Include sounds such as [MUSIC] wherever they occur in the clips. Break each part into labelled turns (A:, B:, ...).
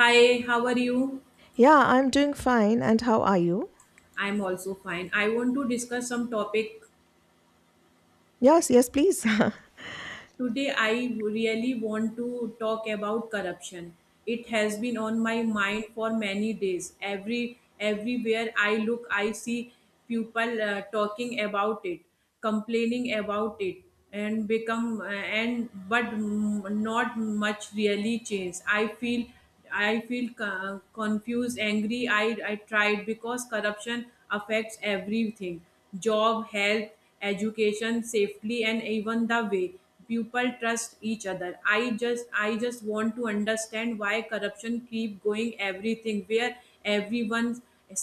A: Hi, how are you?
B: Yeah, I'm doing fine. And how are you?
A: I'm also fine. I want to discuss some topic.
B: Yes, yes, please.
A: Today I really want to talk about corruption. It has been on my mind for many days. Everywhere I look, I see people talking about it, complaining about it, and become not much really changed. I feel confused, angry. I tried because corruption affects everything: job, health, education, safety, and even the way people trust each other. I just want to understand why corruption keep going everything where everyone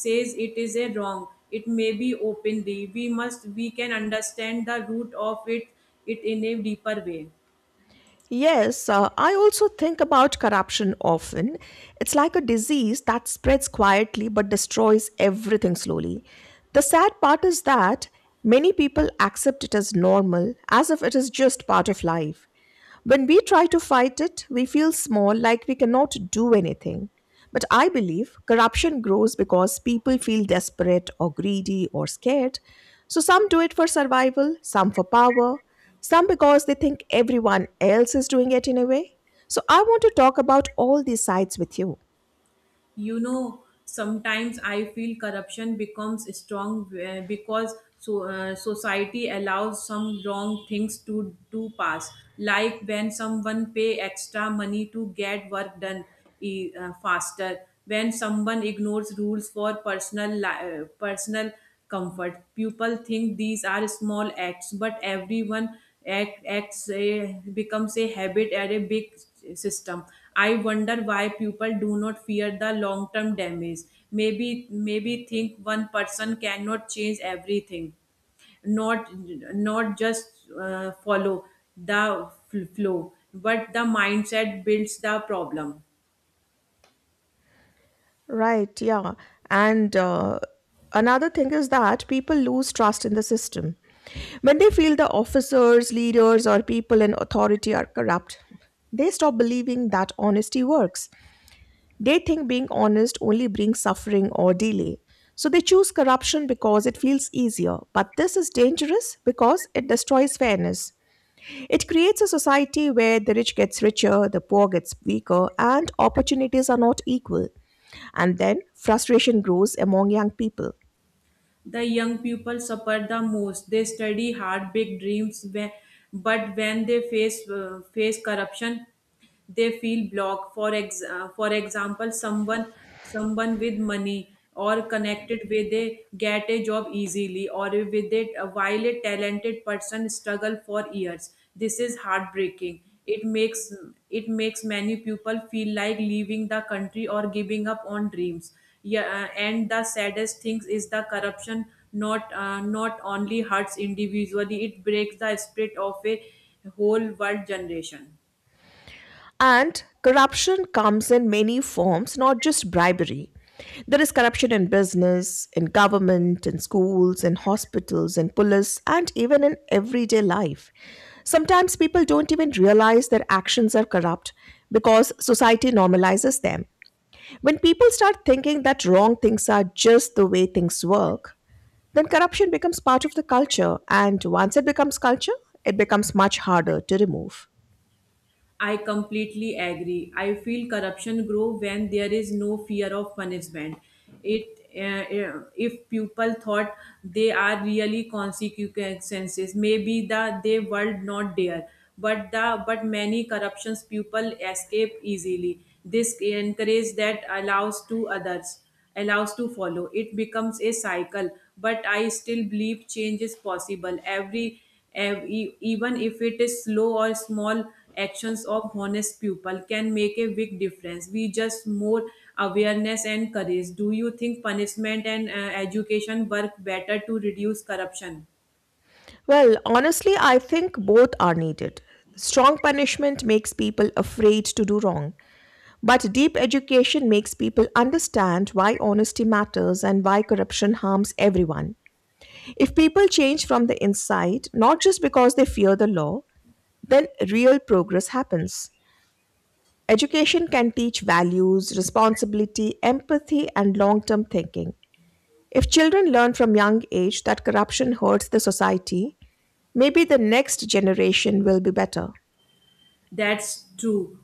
A: says it is a wrong. It may be openly. We can understand the root of it in a deeper way.
B: [LAUGHS] Yes, I also think about corruption often. It's like a disease that spreads quietly but destroys everything slowly. The sad part is that many people accept it as normal, as if it is just part of life. When we try to fight it, we feel small, like we cannot do anything. But I believe corruption grows because people feel desperate or greedy or scared. So some do it for survival, some for power, some because they think everyone else is doing it in a way. So I want to talk about all these sides with you.
A: You know, sometimes I feel corruption becomes strong because society allows some wrong things to pass, like when someone pay extra money to get work done faster, when someone ignores rules for personal comfort. People think these are small acts, but everyone becomes a habit at a big system. I wonder why people do not fear the long term damage. Maybe think one person cannot change everything, not not just follow the flow, but the mindset builds the problem.
B: Right, yeah. And another thing is that people lose trust in the system. When they feel the officers, leaders, or people in authority are corrupt, they stop believing that honesty works. They think being honest only brings suffering or delay. So they choose corruption because it feels easier. But this is dangerous because it destroys fairness. It creates a society where the rich gets richer, the poor gets weaker, and opportunities are not equal, and then frustration grows among young people.
A: The young people suffer the most. They study hard, big dreams, but when they face corruption, they feel blocked. For example, someone with money or connected way, they get a job easily or with it, while a talented person struggle for years. This is heartbreaking. It makes many people feel like leaving the country or giving up on dreams. Yeah, and the saddest thing is the corruption not only hurts individually, it breaks the spirit of a whole world generation.
B: And corruption comes in many forms, not just bribery. There is corruption in business, in government, in schools, in hospitals, in police, and even in everyday life. Sometimes people don't even realize their actions are corrupt because society normalizes them. When people start thinking that wrong things are just the way things work, then corruption becomes part of the culture, and once it becomes culture, it becomes much harder to remove.
A: I completely agree. I feel corruption grow when there is no fear of punishment. It If people thought they are really consequences, maybe the they world not there. But many corruptions people escape easily. This encourage that allows to others allows to follow. It becomes a cycle, but I still believe change is possible. Even if it is slow or small, actions of honest people can make a big difference. We just more awareness and courage. Do you think punishment and education work better to reduce corruption?
B: Well, honestly, I think both are needed. Strong punishment makes people afraid to do wrong, but deep education makes people understand why honesty matters and why corruption harms everyone. If people change from the inside, not just because they fear the law, then real progress happens. Education can teach values, responsibility, empathy, and long term thinking. If children learn from young age that corruption hurts the society, maybe the next generation will be better.
A: That's true.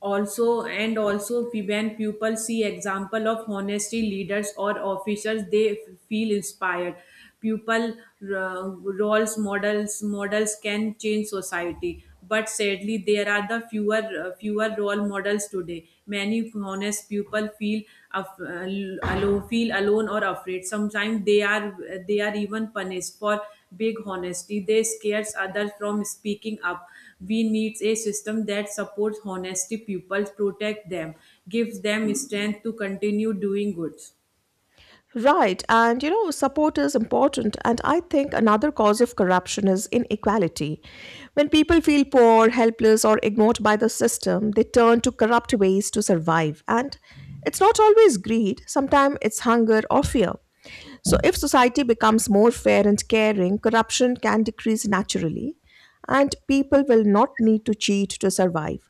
A: Also, when people see example of honesty leaders or officers, they feel inspired. People, roles models can change society, but sadly there are the fewer fewer role models today. Many honest people feel af- uh, feel alone or afraid. Sometimes they are even punished for big honesty. They scares others from speaking up. We need a system that supports honesty people, protect them, gives them strength to continue doing good.
B: Right, and you know, support is important. And I think another cause of corruption is inequality. When people feel poor, helpless, or ignored by the system, they turn to corrupt ways to survive. And it's not always greed, sometimes it's hunger or fear. So, if society becomes more fair and caring, corruption can decrease naturally, and people will not need to cheat to survive.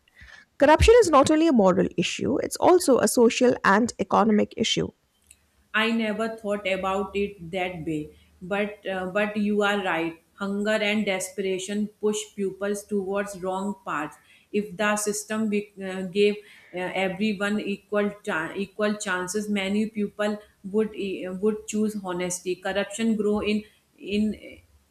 B: Corruption is not only a moral issue, it's also a social and economic issue.
A: I never thought about it that way, but you are right. Hunger and desperation push pupils towards wrong paths. If the system gave everyone equal chances, many people would choose honesty. Corruption grow in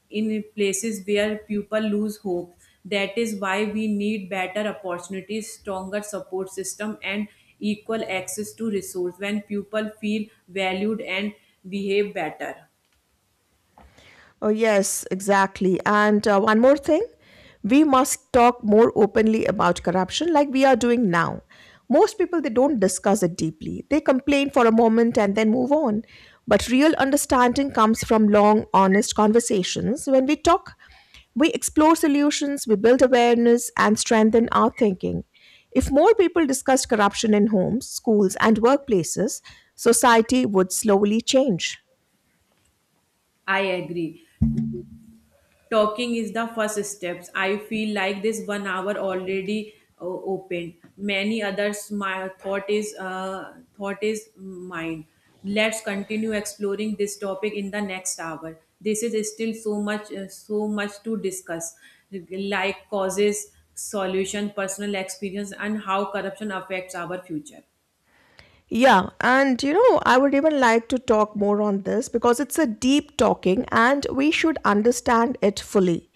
A: in places where people lose hope. That is why we need better opportunities, stronger support system, and equal access to resource. When people feel valued and behave better,
B: Oh, yes, exactly. And one more thing, we must talk more openly about corruption like we are doing now. Most people, they don't discuss it deeply. They complain for a moment and then move on. But real understanding comes from long, honest conversations. When we talk, we explore solutions, we build awareness, and strengthen our thinking. If more people discussed corruption in homes, schools, and workplaces, society would slowly change.
A: I agree. Talking is the first steps. I feel like this one hour already opened many others. My thought is mine let's continue exploring this topic in the next hour. This is still so much so much to discuss, like causes, solution, personal experience, and how corruption affects our future.
B: Yeah, and you know, I would even like to talk more on this because it's a deep talking and we should understand it fully.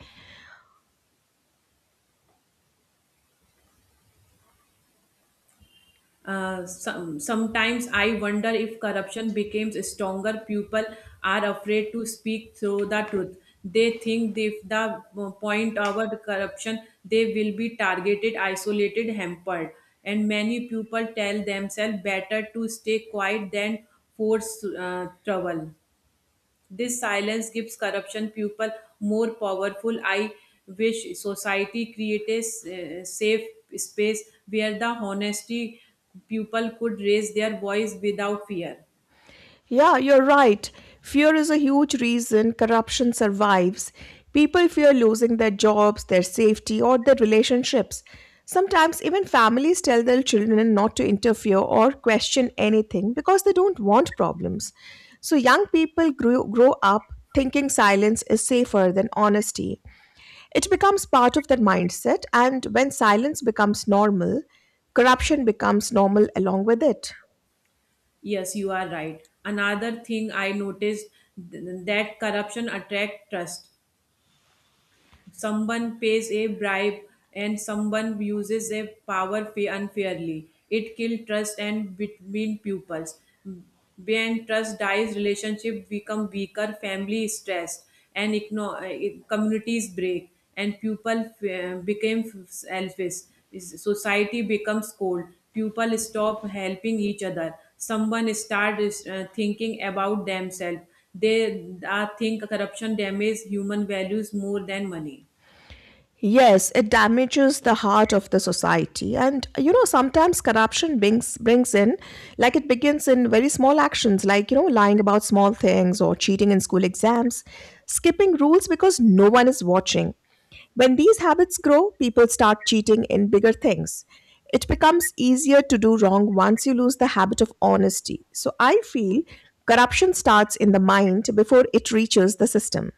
A: Sometimes I wonder if corruption becomes stronger. People are afraid to speak through the truth. They think if the point about corruption, they will be targeted, isolated, hampered. And many people tell themselves better to stay quiet than force trouble. This silence gives corruption people more powerful. I wish society created a safe space where the honesty people could raise their voice without fear.
B: Yeah, you're right. Fear is a huge reason corruption survives. People fear losing their jobs, their safety, or their relationships. Sometimes, even families tell their children not to interfere or question anything because they don't want problems. So, young grow up thinking silence is safer than honesty. It becomes part of their mindset, and when silence becomes normal, corruption becomes normal along with it.
A: Yes, you are right. Another thing I noticed that corruption attract trust. Someone pays a bribe and someone uses a power unfairly. It kills trust and between pupils. When trust dies, relationship become weaker, family is stressed, and communities break, and pupil became selfish. Society becomes cold. People stop helping each other. Someone start thinking about themselves. They think corruption damages human values more than money.
B: Yes, it damages the heart of the society. And you know, sometimes corruption brings in, like it begins in very small actions like, you know, lying about small things or cheating in school exams, skipping rules because no one is watching. When these habits grow, people start cheating in bigger things. It becomes easier to do wrong once you lose the habit of honesty. So I feel corruption starts in the mind before it reaches the system.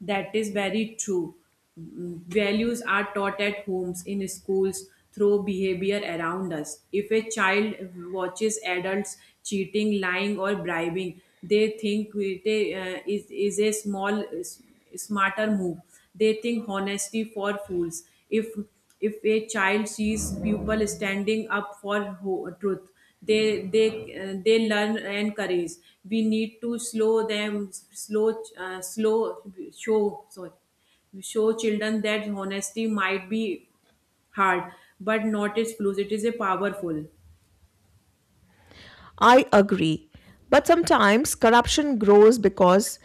A: That is very true. Values are taught at homes, in schools, through behavior around us. If a child watches adults cheating, lying, or bribing, they think it is a small, smarter move. They think honesty for fools. If if a child sees people standing up for truth, they they they learn and courage. We need to slow them slow slow show sorry show children that honesty might be hard, but not as close it is a powerful.
B: I agree. But sometimes corruption grows because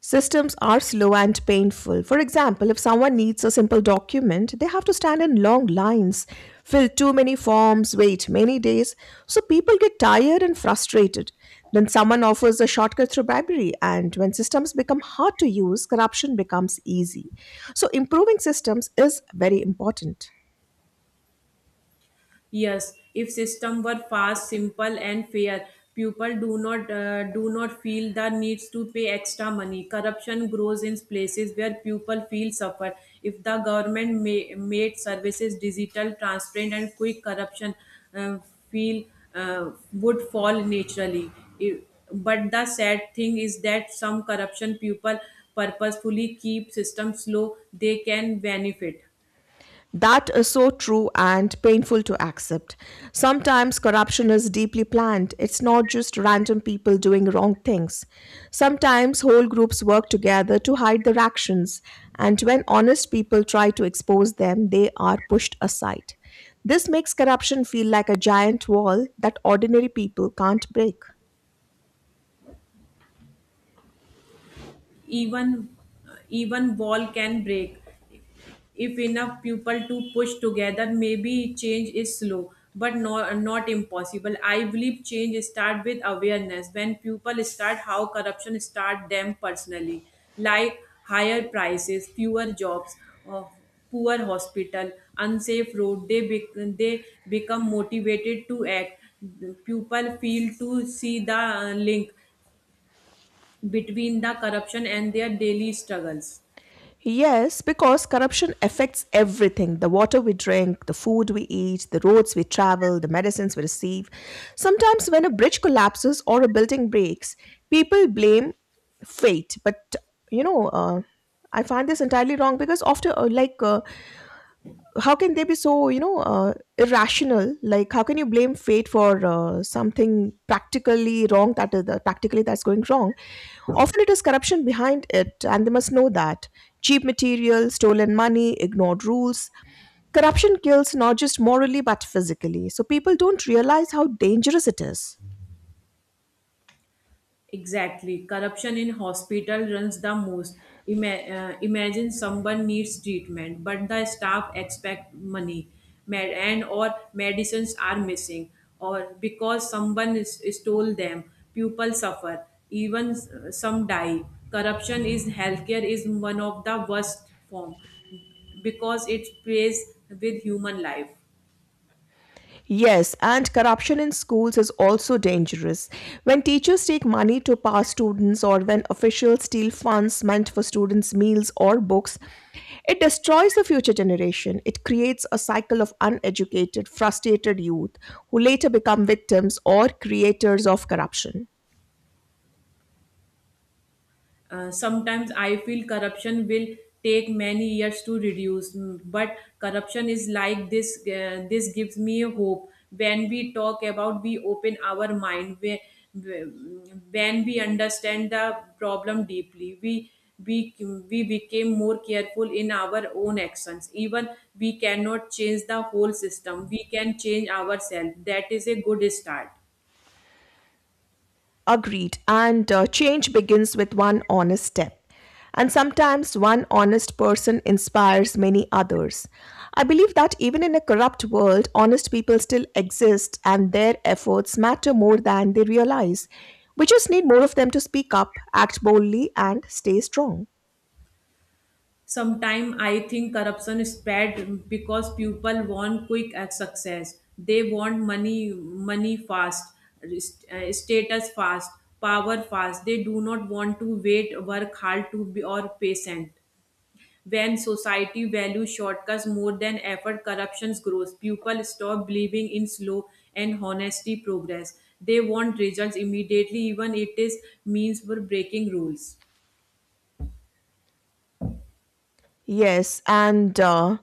B: systems are slow and painful. For example, if someone needs a simple document, they have to stand in long lines, fill too many forms, wait many days. So people get tired and frustrated. Then someone offers a shortcut through bribery, and when systems become hard to use, corruption becomes easy. So improving systems is very important.
A: Yes, if system were fast, simple, and fair, people do not feel the needs to pay extra money. Corruption grows in places where people feel suffer. If the government made services digital, transparent, and quick, corruption uh, feel would fall naturally. If- but the sad thing is that some corruption people purposefully keep systems slow. They can benefit.
B: That is so true and painful to accept. Sometimes corruption is deeply planned, it's not just random people doing wrong things. Sometimes whole groups work together to hide their actions, and when honest people try to expose them, they are pushed aside. This makes corruption feel like a giant wall that ordinary people can't break.
A: even even wall can break if enough people to push together. Maybe change is slow, but no, not impossible. I believe change start with awareness when people start how corruption start them personally, like higher prices, fewer jobs, uh, poor hospital, unsafe road. They become motivated to act. People feel to see the link between the corruption and their daily struggles.
B: Yes, because corruption affects everything, the water we drink, the food we eat, the roads we travel, the medicines we receive. Sometimes, when a bridge collapses or a building breaks, people blame fate. You know, uh, I find this entirely wrong because how can they be so, irrational? Like, how can you blame fate for something practically wrong, that is the practically that's going wrong? Often it is corruption behind it, and they must know that. Cheap material, stolen money, ignored rules, corruption kills not just morally but physically, so people don't realize how dangerous it is.
A: Exactly. Corruption in hospital runs the most. Imagine someone needs treatment, but the staff expect money, and or medicines are missing, or because someone stole them, people suffer, even some die. Corruption is healthcare is one of the worst form because it plays with human life.
B: Yes, and corruption in schools is also dangerous. When teachers take money to pass students, or when officials steal funds meant for students' meals or books, it destroys the future generation. It creates a cycle of uneducated, frustrated youth who later become victims or creators of corruption.
A: Sometimes I feel corruption will take many years to reduce, but corruption is like this. This gives me a hope. When we talk about, we open our mind. We, when we understand the problem deeply, we we became more careful in our own actions. Even we cannot change the whole system, we can change ourselves. That is a good start.
B: Agreed. And Change begins with one honest step. And sometimes one honest person inspires many others. I believe that even in a corrupt world, honest people still exist and their efforts matter more than they realize. We just need more of them to speak up, act boldly, and stay strong.
A: Sometimes I think corruption spread because people want quick success. They want money fast, status fast, power fast. They do not want to wait, work hard to be or patient. When society values shortcuts more than effort, corruption grows. People stop believing in slow and honesty progress. They want results immediately, even it is means for breaking rules.
B: Yes, and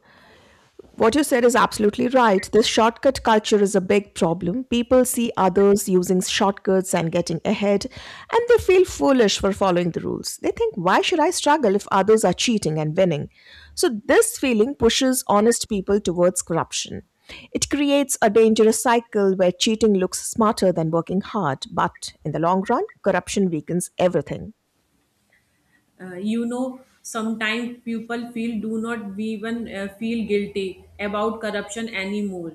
B: What you said is absolutely right. This shortcut culture is a big problem. People see others using shortcuts and getting ahead, and they feel foolish for following the rules. They think, why should I struggle if others are cheating and winning? So, this feeling pushes honest people towards corruption. It creates a dangerous cycle where cheating looks smarter than working hard, but in the long run, corruption weakens everything.
A: Sometimes people feel do not even feel guilty about corruption anymore,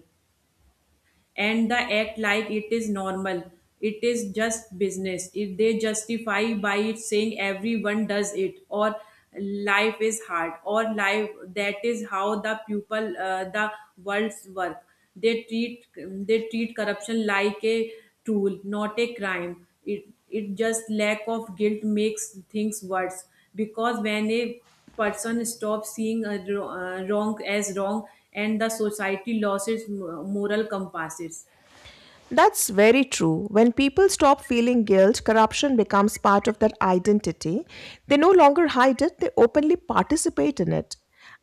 A: and the act like it is normal, it is just business. If they justify by it saying everyone does it, or life is hard, or life that is how the world's work, they treat corruption like a tool, not a crime. It just lack of guilt makes things worse, because when a person stops seeing a wrong as wrong, and the society loses moral compasses.
B: That's very true. When people stop feeling guilt, corruption becomes part of their identity. They no longer hide it, they openly participate in it.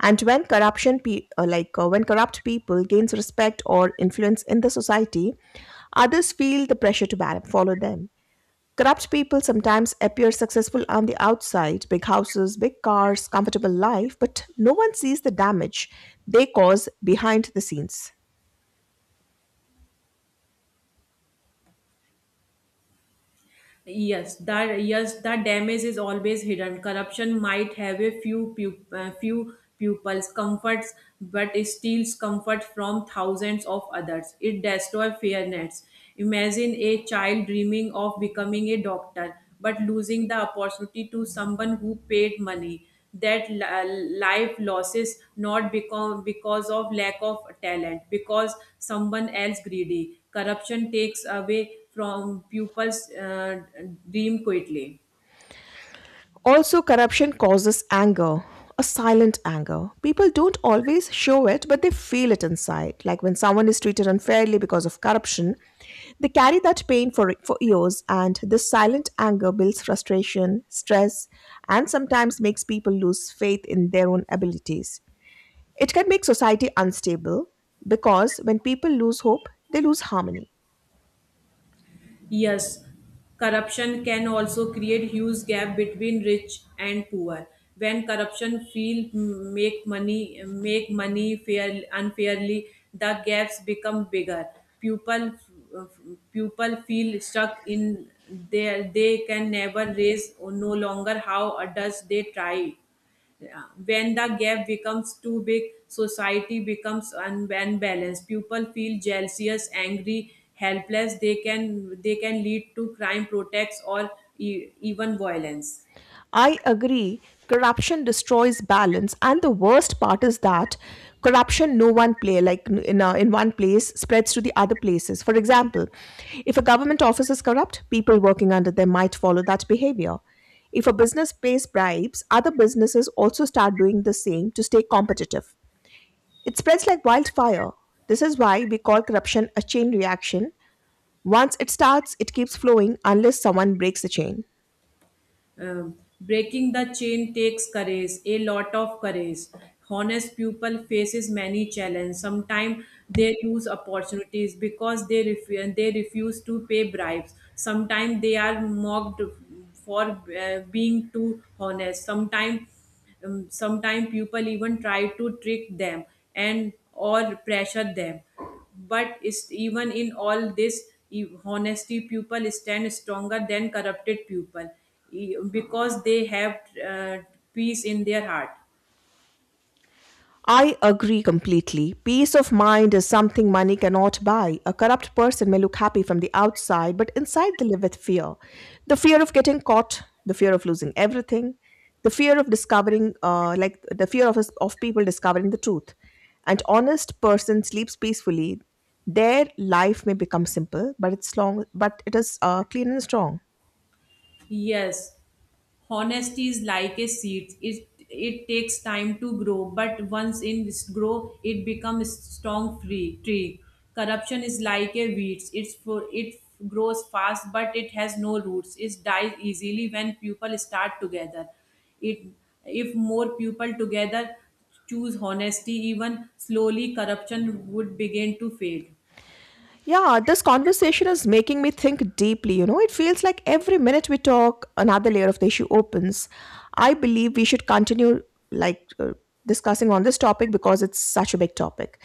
B: And when corruption, pe- like when corrupt people gains respect or influence in the society, others feel the pressure to follow them. Corrupt people sometimes appear successful on the outside, big houses, big cars, comfortable life, but no one sees the damage they cause behind the scenes.
A: Yes, that, yes, the damage is always hidden. Corruption might have a few pupils comforts, but it steals comfort from thousands of others. It destroys fairness. Imagine a child dreaming of becoming a doctor, but losing the opportunity to someone who paid money. That life losses not become because of lack of talent, because someone else greedy. Corruption takes away from people's dream quickly.
B: Also, corruption causes anger, a silent anger. People don't always show it, but they feel it inside. Like when someone is treated unfairly because of corruption, they carry that pain for years, and this silent anger builds frustration, stress, and sometimes makes people lose faith in their own abilities. It can make society unstable because when people lose hope, they lose harmony.
A: Yes, corruption can also create huge gap between rich and poor. When corruption feel make money fair unfairly, the gaps become bigger. People people feel stuck in there. They can never raise, or no longer how does they try. Yeah. When the gap becomes too big, society becomes unbalanced. People feel jealous, angry, helpless. They can lead to crime, protests, or even violence.
B: I agree. Corruption destroys balance, and the worst part is that corruption, no one play like in one place, spreads to the other places. For example, if a government office is corrupt, people working under them might follow that behavior. If a business pays bribes, other businesses also start doing the same to stay competitive. It spreads like wildfire. This is why we call corruption a chain reaction. Once it starts, it keeps flowing unless someone breaks the chain.
A: Breaking the chain takes courage, a lot of courage. Honest people faces many challenges. Sometimes they lose opportunities because they refuse to pay bribes. Sometimes they are mocked for being too honest. Sometimes sometimes people even try to trick them and or pressure them, but is even in all this honesty people stand stronger than corrupted people because they have peace in their heart.
B: I agree completely. Peace of mind is something money cannot buy. A corrupt person may look happy from the outside, but inside they live with fear. The fear of getting caught, the fear of losing everything, the fear of people discovering the truth. An honest person sleeps peacefully. Their life may become simple, but it's long, but it is clean and strong.
A: Yes. Honesty is like a seed. It takes time to grow, but once in this grow, it becomes strong free tree. Corruption is like a weed. It's for it grows fast, but it has no roots. It dies easily when people start together. It, if more people together choose honesty, even slowly corruption would begin to fade.
B: Yeah, this conversation is making me think deeply. You know, it feels like every minute we talk, another layer of the issue opens. I believe we should continue, like uh, discussing on this topic because it's such a big topic.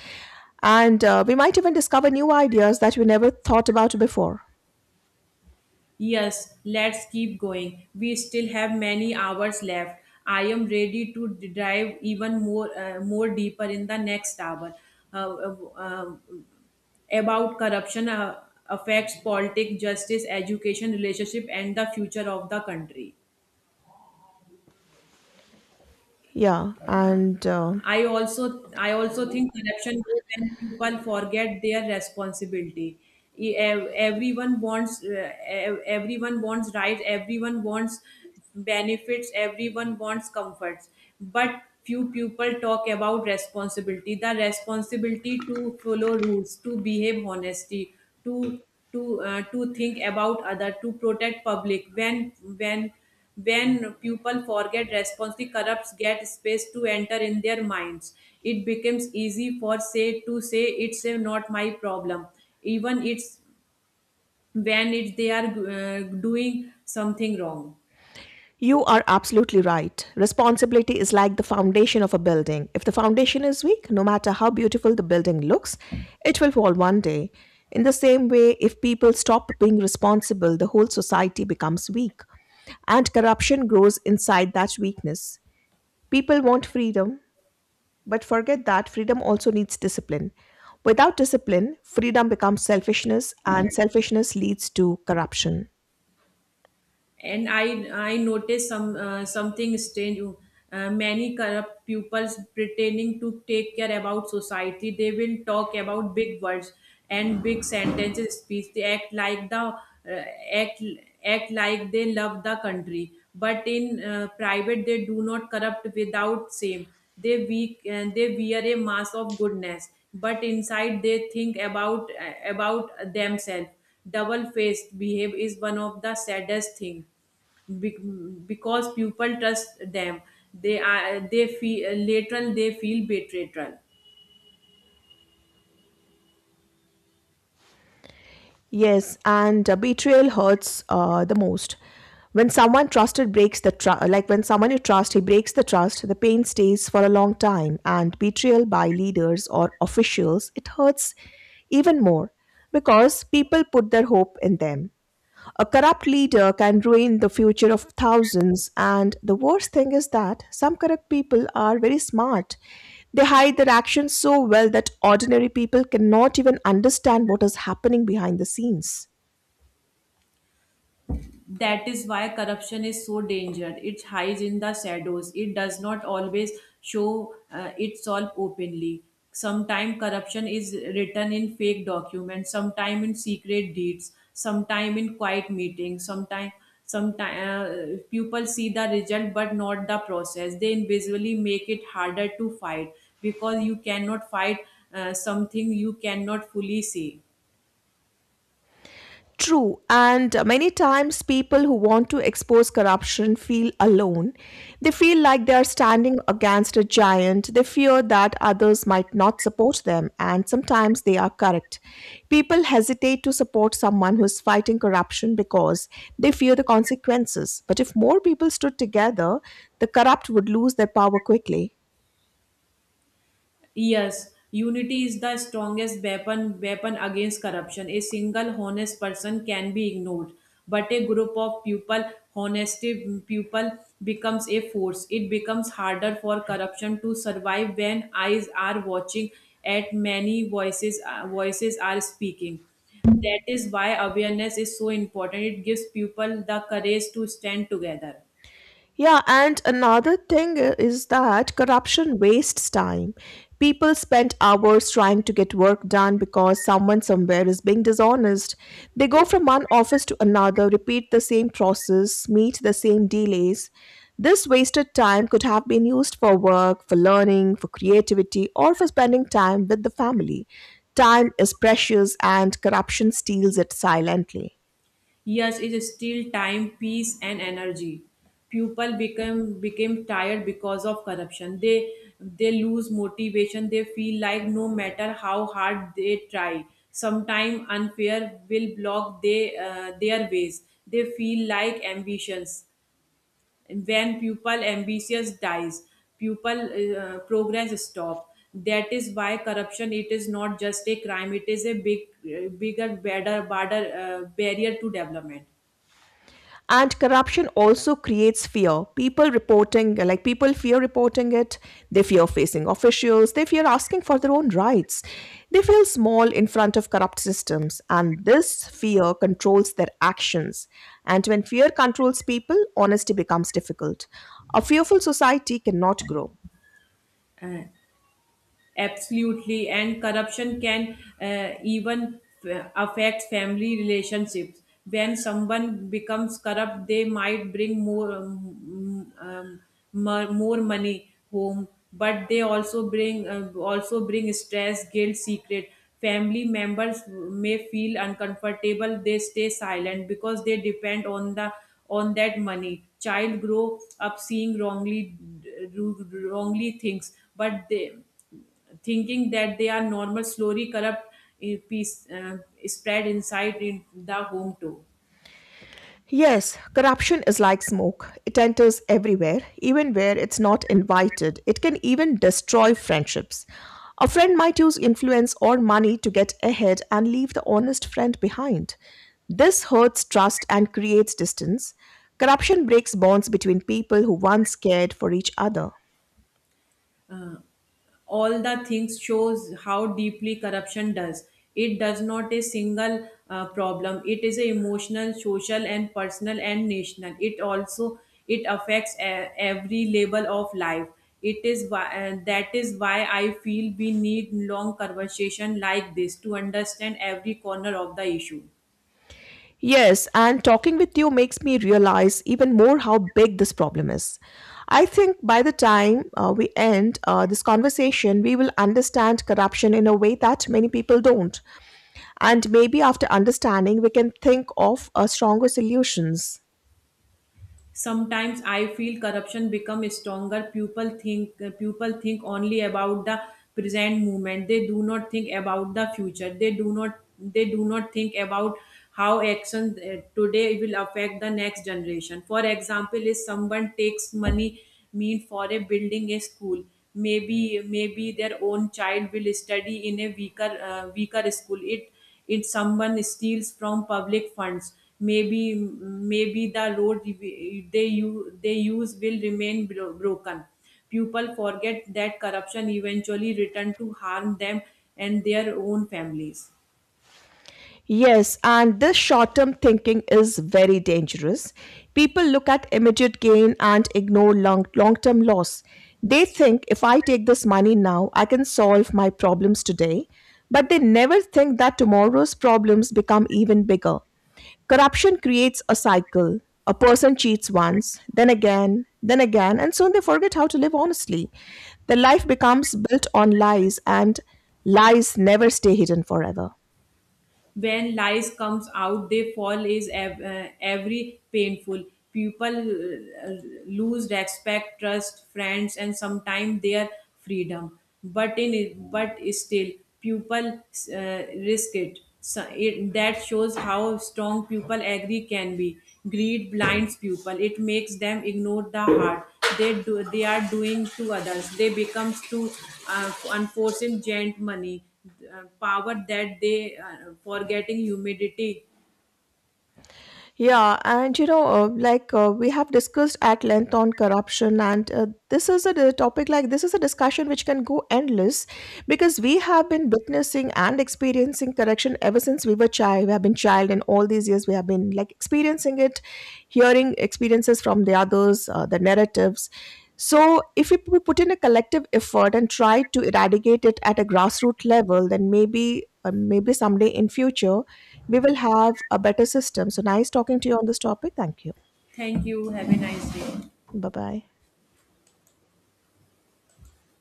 B: And we might even discover new ideas that we never thought about before.
A: Yes, let's keep going. We still have many hours left. I am ready to dive even more, more deeper in the next hour uh, uh, uh, about corruption affects politics, justice, education, relationship, and the future of the country.
B: Yeah, and
A: I also think corruption grows when people forget their responsibility. Everyone wants everyone wants rights. Everyone wants benefits. Everyone wants comforts. But few people talk about responsibility. The responsibility to follow rules, to behave honestly, to to think about other, to protect public. When when people forget response, the corrupts get space to enter in their minds. It becomes easy for say to say it's a not my problem, even it's when it's they are doing something wrong.
B: You are absolutely right. Responsibility is like the foundation of a building. If the foundation is weak, no matter how beautiful the building looks, it will fall one day. In the same way, if people stop being responsible, the whole society becomes weak, and corruption grows inside that weakness. People want freedom, but forget that freedom also needs discipline. Without discipline, freedom becomes selfishness, and selfishness leads to corruption.
A: And I noticed something strange, many corrupt pupils pretending to take care about society. They will talk about big words and big sentences speech. They act like the act act like they love the country, but in private they do not corrupt without shame. They weak and they wear a mask of goodness, but inside they think about themselves. Double faced behave is one of the saddest thing. Be- because people trust them, they feel later, they feel betrayal.
B: Yes, and Betrayal hurts the most. When someone trusted breaks the trust, like when someone you trust, he breaks the trust, the pain stays for a long time. And betrayal by leaders or officials, it hurts even more because people put their hope in them. A corrupt leader can ruin the future of thousands. And the worst thing is that some corrupt people are very smart. They hide their actions so well that ordinary people cannot even understand what is happening behind the scenes.
A: That is why corruption is so dangerous. It hides in the shadows. It does not always show itself openly. Sometimes corruption is written in fake documents, sometimes in secret deeds, sometimes in quiet meetings, sometimes people see the result but not the process. They invisibly make it harder to fight, because you cannot fight something you cannot fully see.
B: True, and many times people who want to expose corruption feel alone. They feel like they are standing against a giant. They fear that others might not support them, and sometimes they are correct. People hesitate to support someone who is fighting corruption because they fear the consequences. But if more people stood together, the corrupt would lose their power quickly.
A: Yes, unity is the strongest weapon against corruption. A single honest person can be ignored, but a group of people, honesty people, becomes a force. It becomes harder for corruption to survive when eyes are watching, at many voices, voices are speaking. That is why awareness is so important. It gives people the courage to stand together.
B: Yeah, and another thing is that corruption wastes time. People spend hours trying to get work done because someone somewhere is being dishonest. They go from one office to another, repeat the same process, meet the same delays. This wasted time could have been used for work, for learning, for creativity, or for spending time with the family. Time is precious and corruption steals it silently.
A: Years is still time, peace, and energy. People become became tired because of corruption. They lose motivation. They feel like no matter how hard they try, sometime unfair will block they, their ways. They feel like ambitions. When people ambitious dies, people progress stop. That is why corruption it is not just a crime. It is a big, bigger, better, badder, barrier to development.
B: And corruption also creates fear. People reporting, like, people fear reporting it. They fear facing officials, they fear asking for their own rights. They feel small in front of corrupt systems, and this fear controls their actions. And when fear controls people, honesty becomes difficult. A fearful society cannot grow.
A: Absolutely, and corruption can affect family relationships. When someone becomes corrupt, they might bring more more money home, but they also bring stress, guilt, secret. Family members may feel uncomfortable. They stay silent because they depend on the on that money. Child grow up seeing wrongly things, but they thinking that they are normal. Slowly corrupt eh, piece spread inside in the home too.
B: Yes, corruption is like smoke. It enters everywhere, even where it's not invited. It can even destroy friendships. A friend might use influence or money to get ahead and leave the honest friend behind. This hurts trust and creates distance. Corruption breaks bonds between people who once cared for each other.
A: All the things shows how deeply corruption does. It does not a single problem. It is a emotional, social, and personal and national. It also it affects every level of life. It is why that is why I feel we need long conversation like this to understand every corner of the issue.
B: Yes, and talking with you makes me realize even more how big this problem is. I think by the time we end this conversation, we will understand corruption in a way that many people don't. And maybe after understanding, we can think of stronger solutions.
A: Sometimes I feel corruption become stronger. People think only about the present moment. They do not think about the future. They do not think about how action today will affect the next generation. For example, if someone takes money mean for a building, a school, maybe their own child will study in a weaker weaker school. It if someone steals from public funds, maybe maybe the road they use will remain broken. People forget that corruption eventually return to harm them and their own families.
B: Yes, and this short term thinking is very dangerous. People look at immediate gain and ignore long term loss. They think, if I take this money now, I can solve my problems today, but they never think that tomorrow's problems become even bigger. Corruption creates a cycle. A person cheats once, then again, and soon they forget how to live honestly. Their life becomes built on lies, and lies never stay hidden forever.
A: When lies comes out, they fall is every painful. People, lose respect, trust, friends, and sometimes their freedom. But in but still people risk it. So it that shows how strong people agree can be. Greed blinds people. It makes them ignore the heart they do, they are doing to others. They becomes to unforcing gent money, power that they for getting humidity.
B: Yeah, and we have discussed at length on corruption, and this is a topic, like, this is a discussion which can go endless because we have been witnessing and experiencing corruption ever since we were child. We have been child, and all these years we have been, like, experiencing it, hearing experiences from the others, the narratives. So, if we put in a collective effort and try to eradicate it at a grassroots level, then maybe someday in future we will have a better system. So nice talking to you on this topic. Thank you.
A: Thank you. Have a nice day.
B: Bye bye.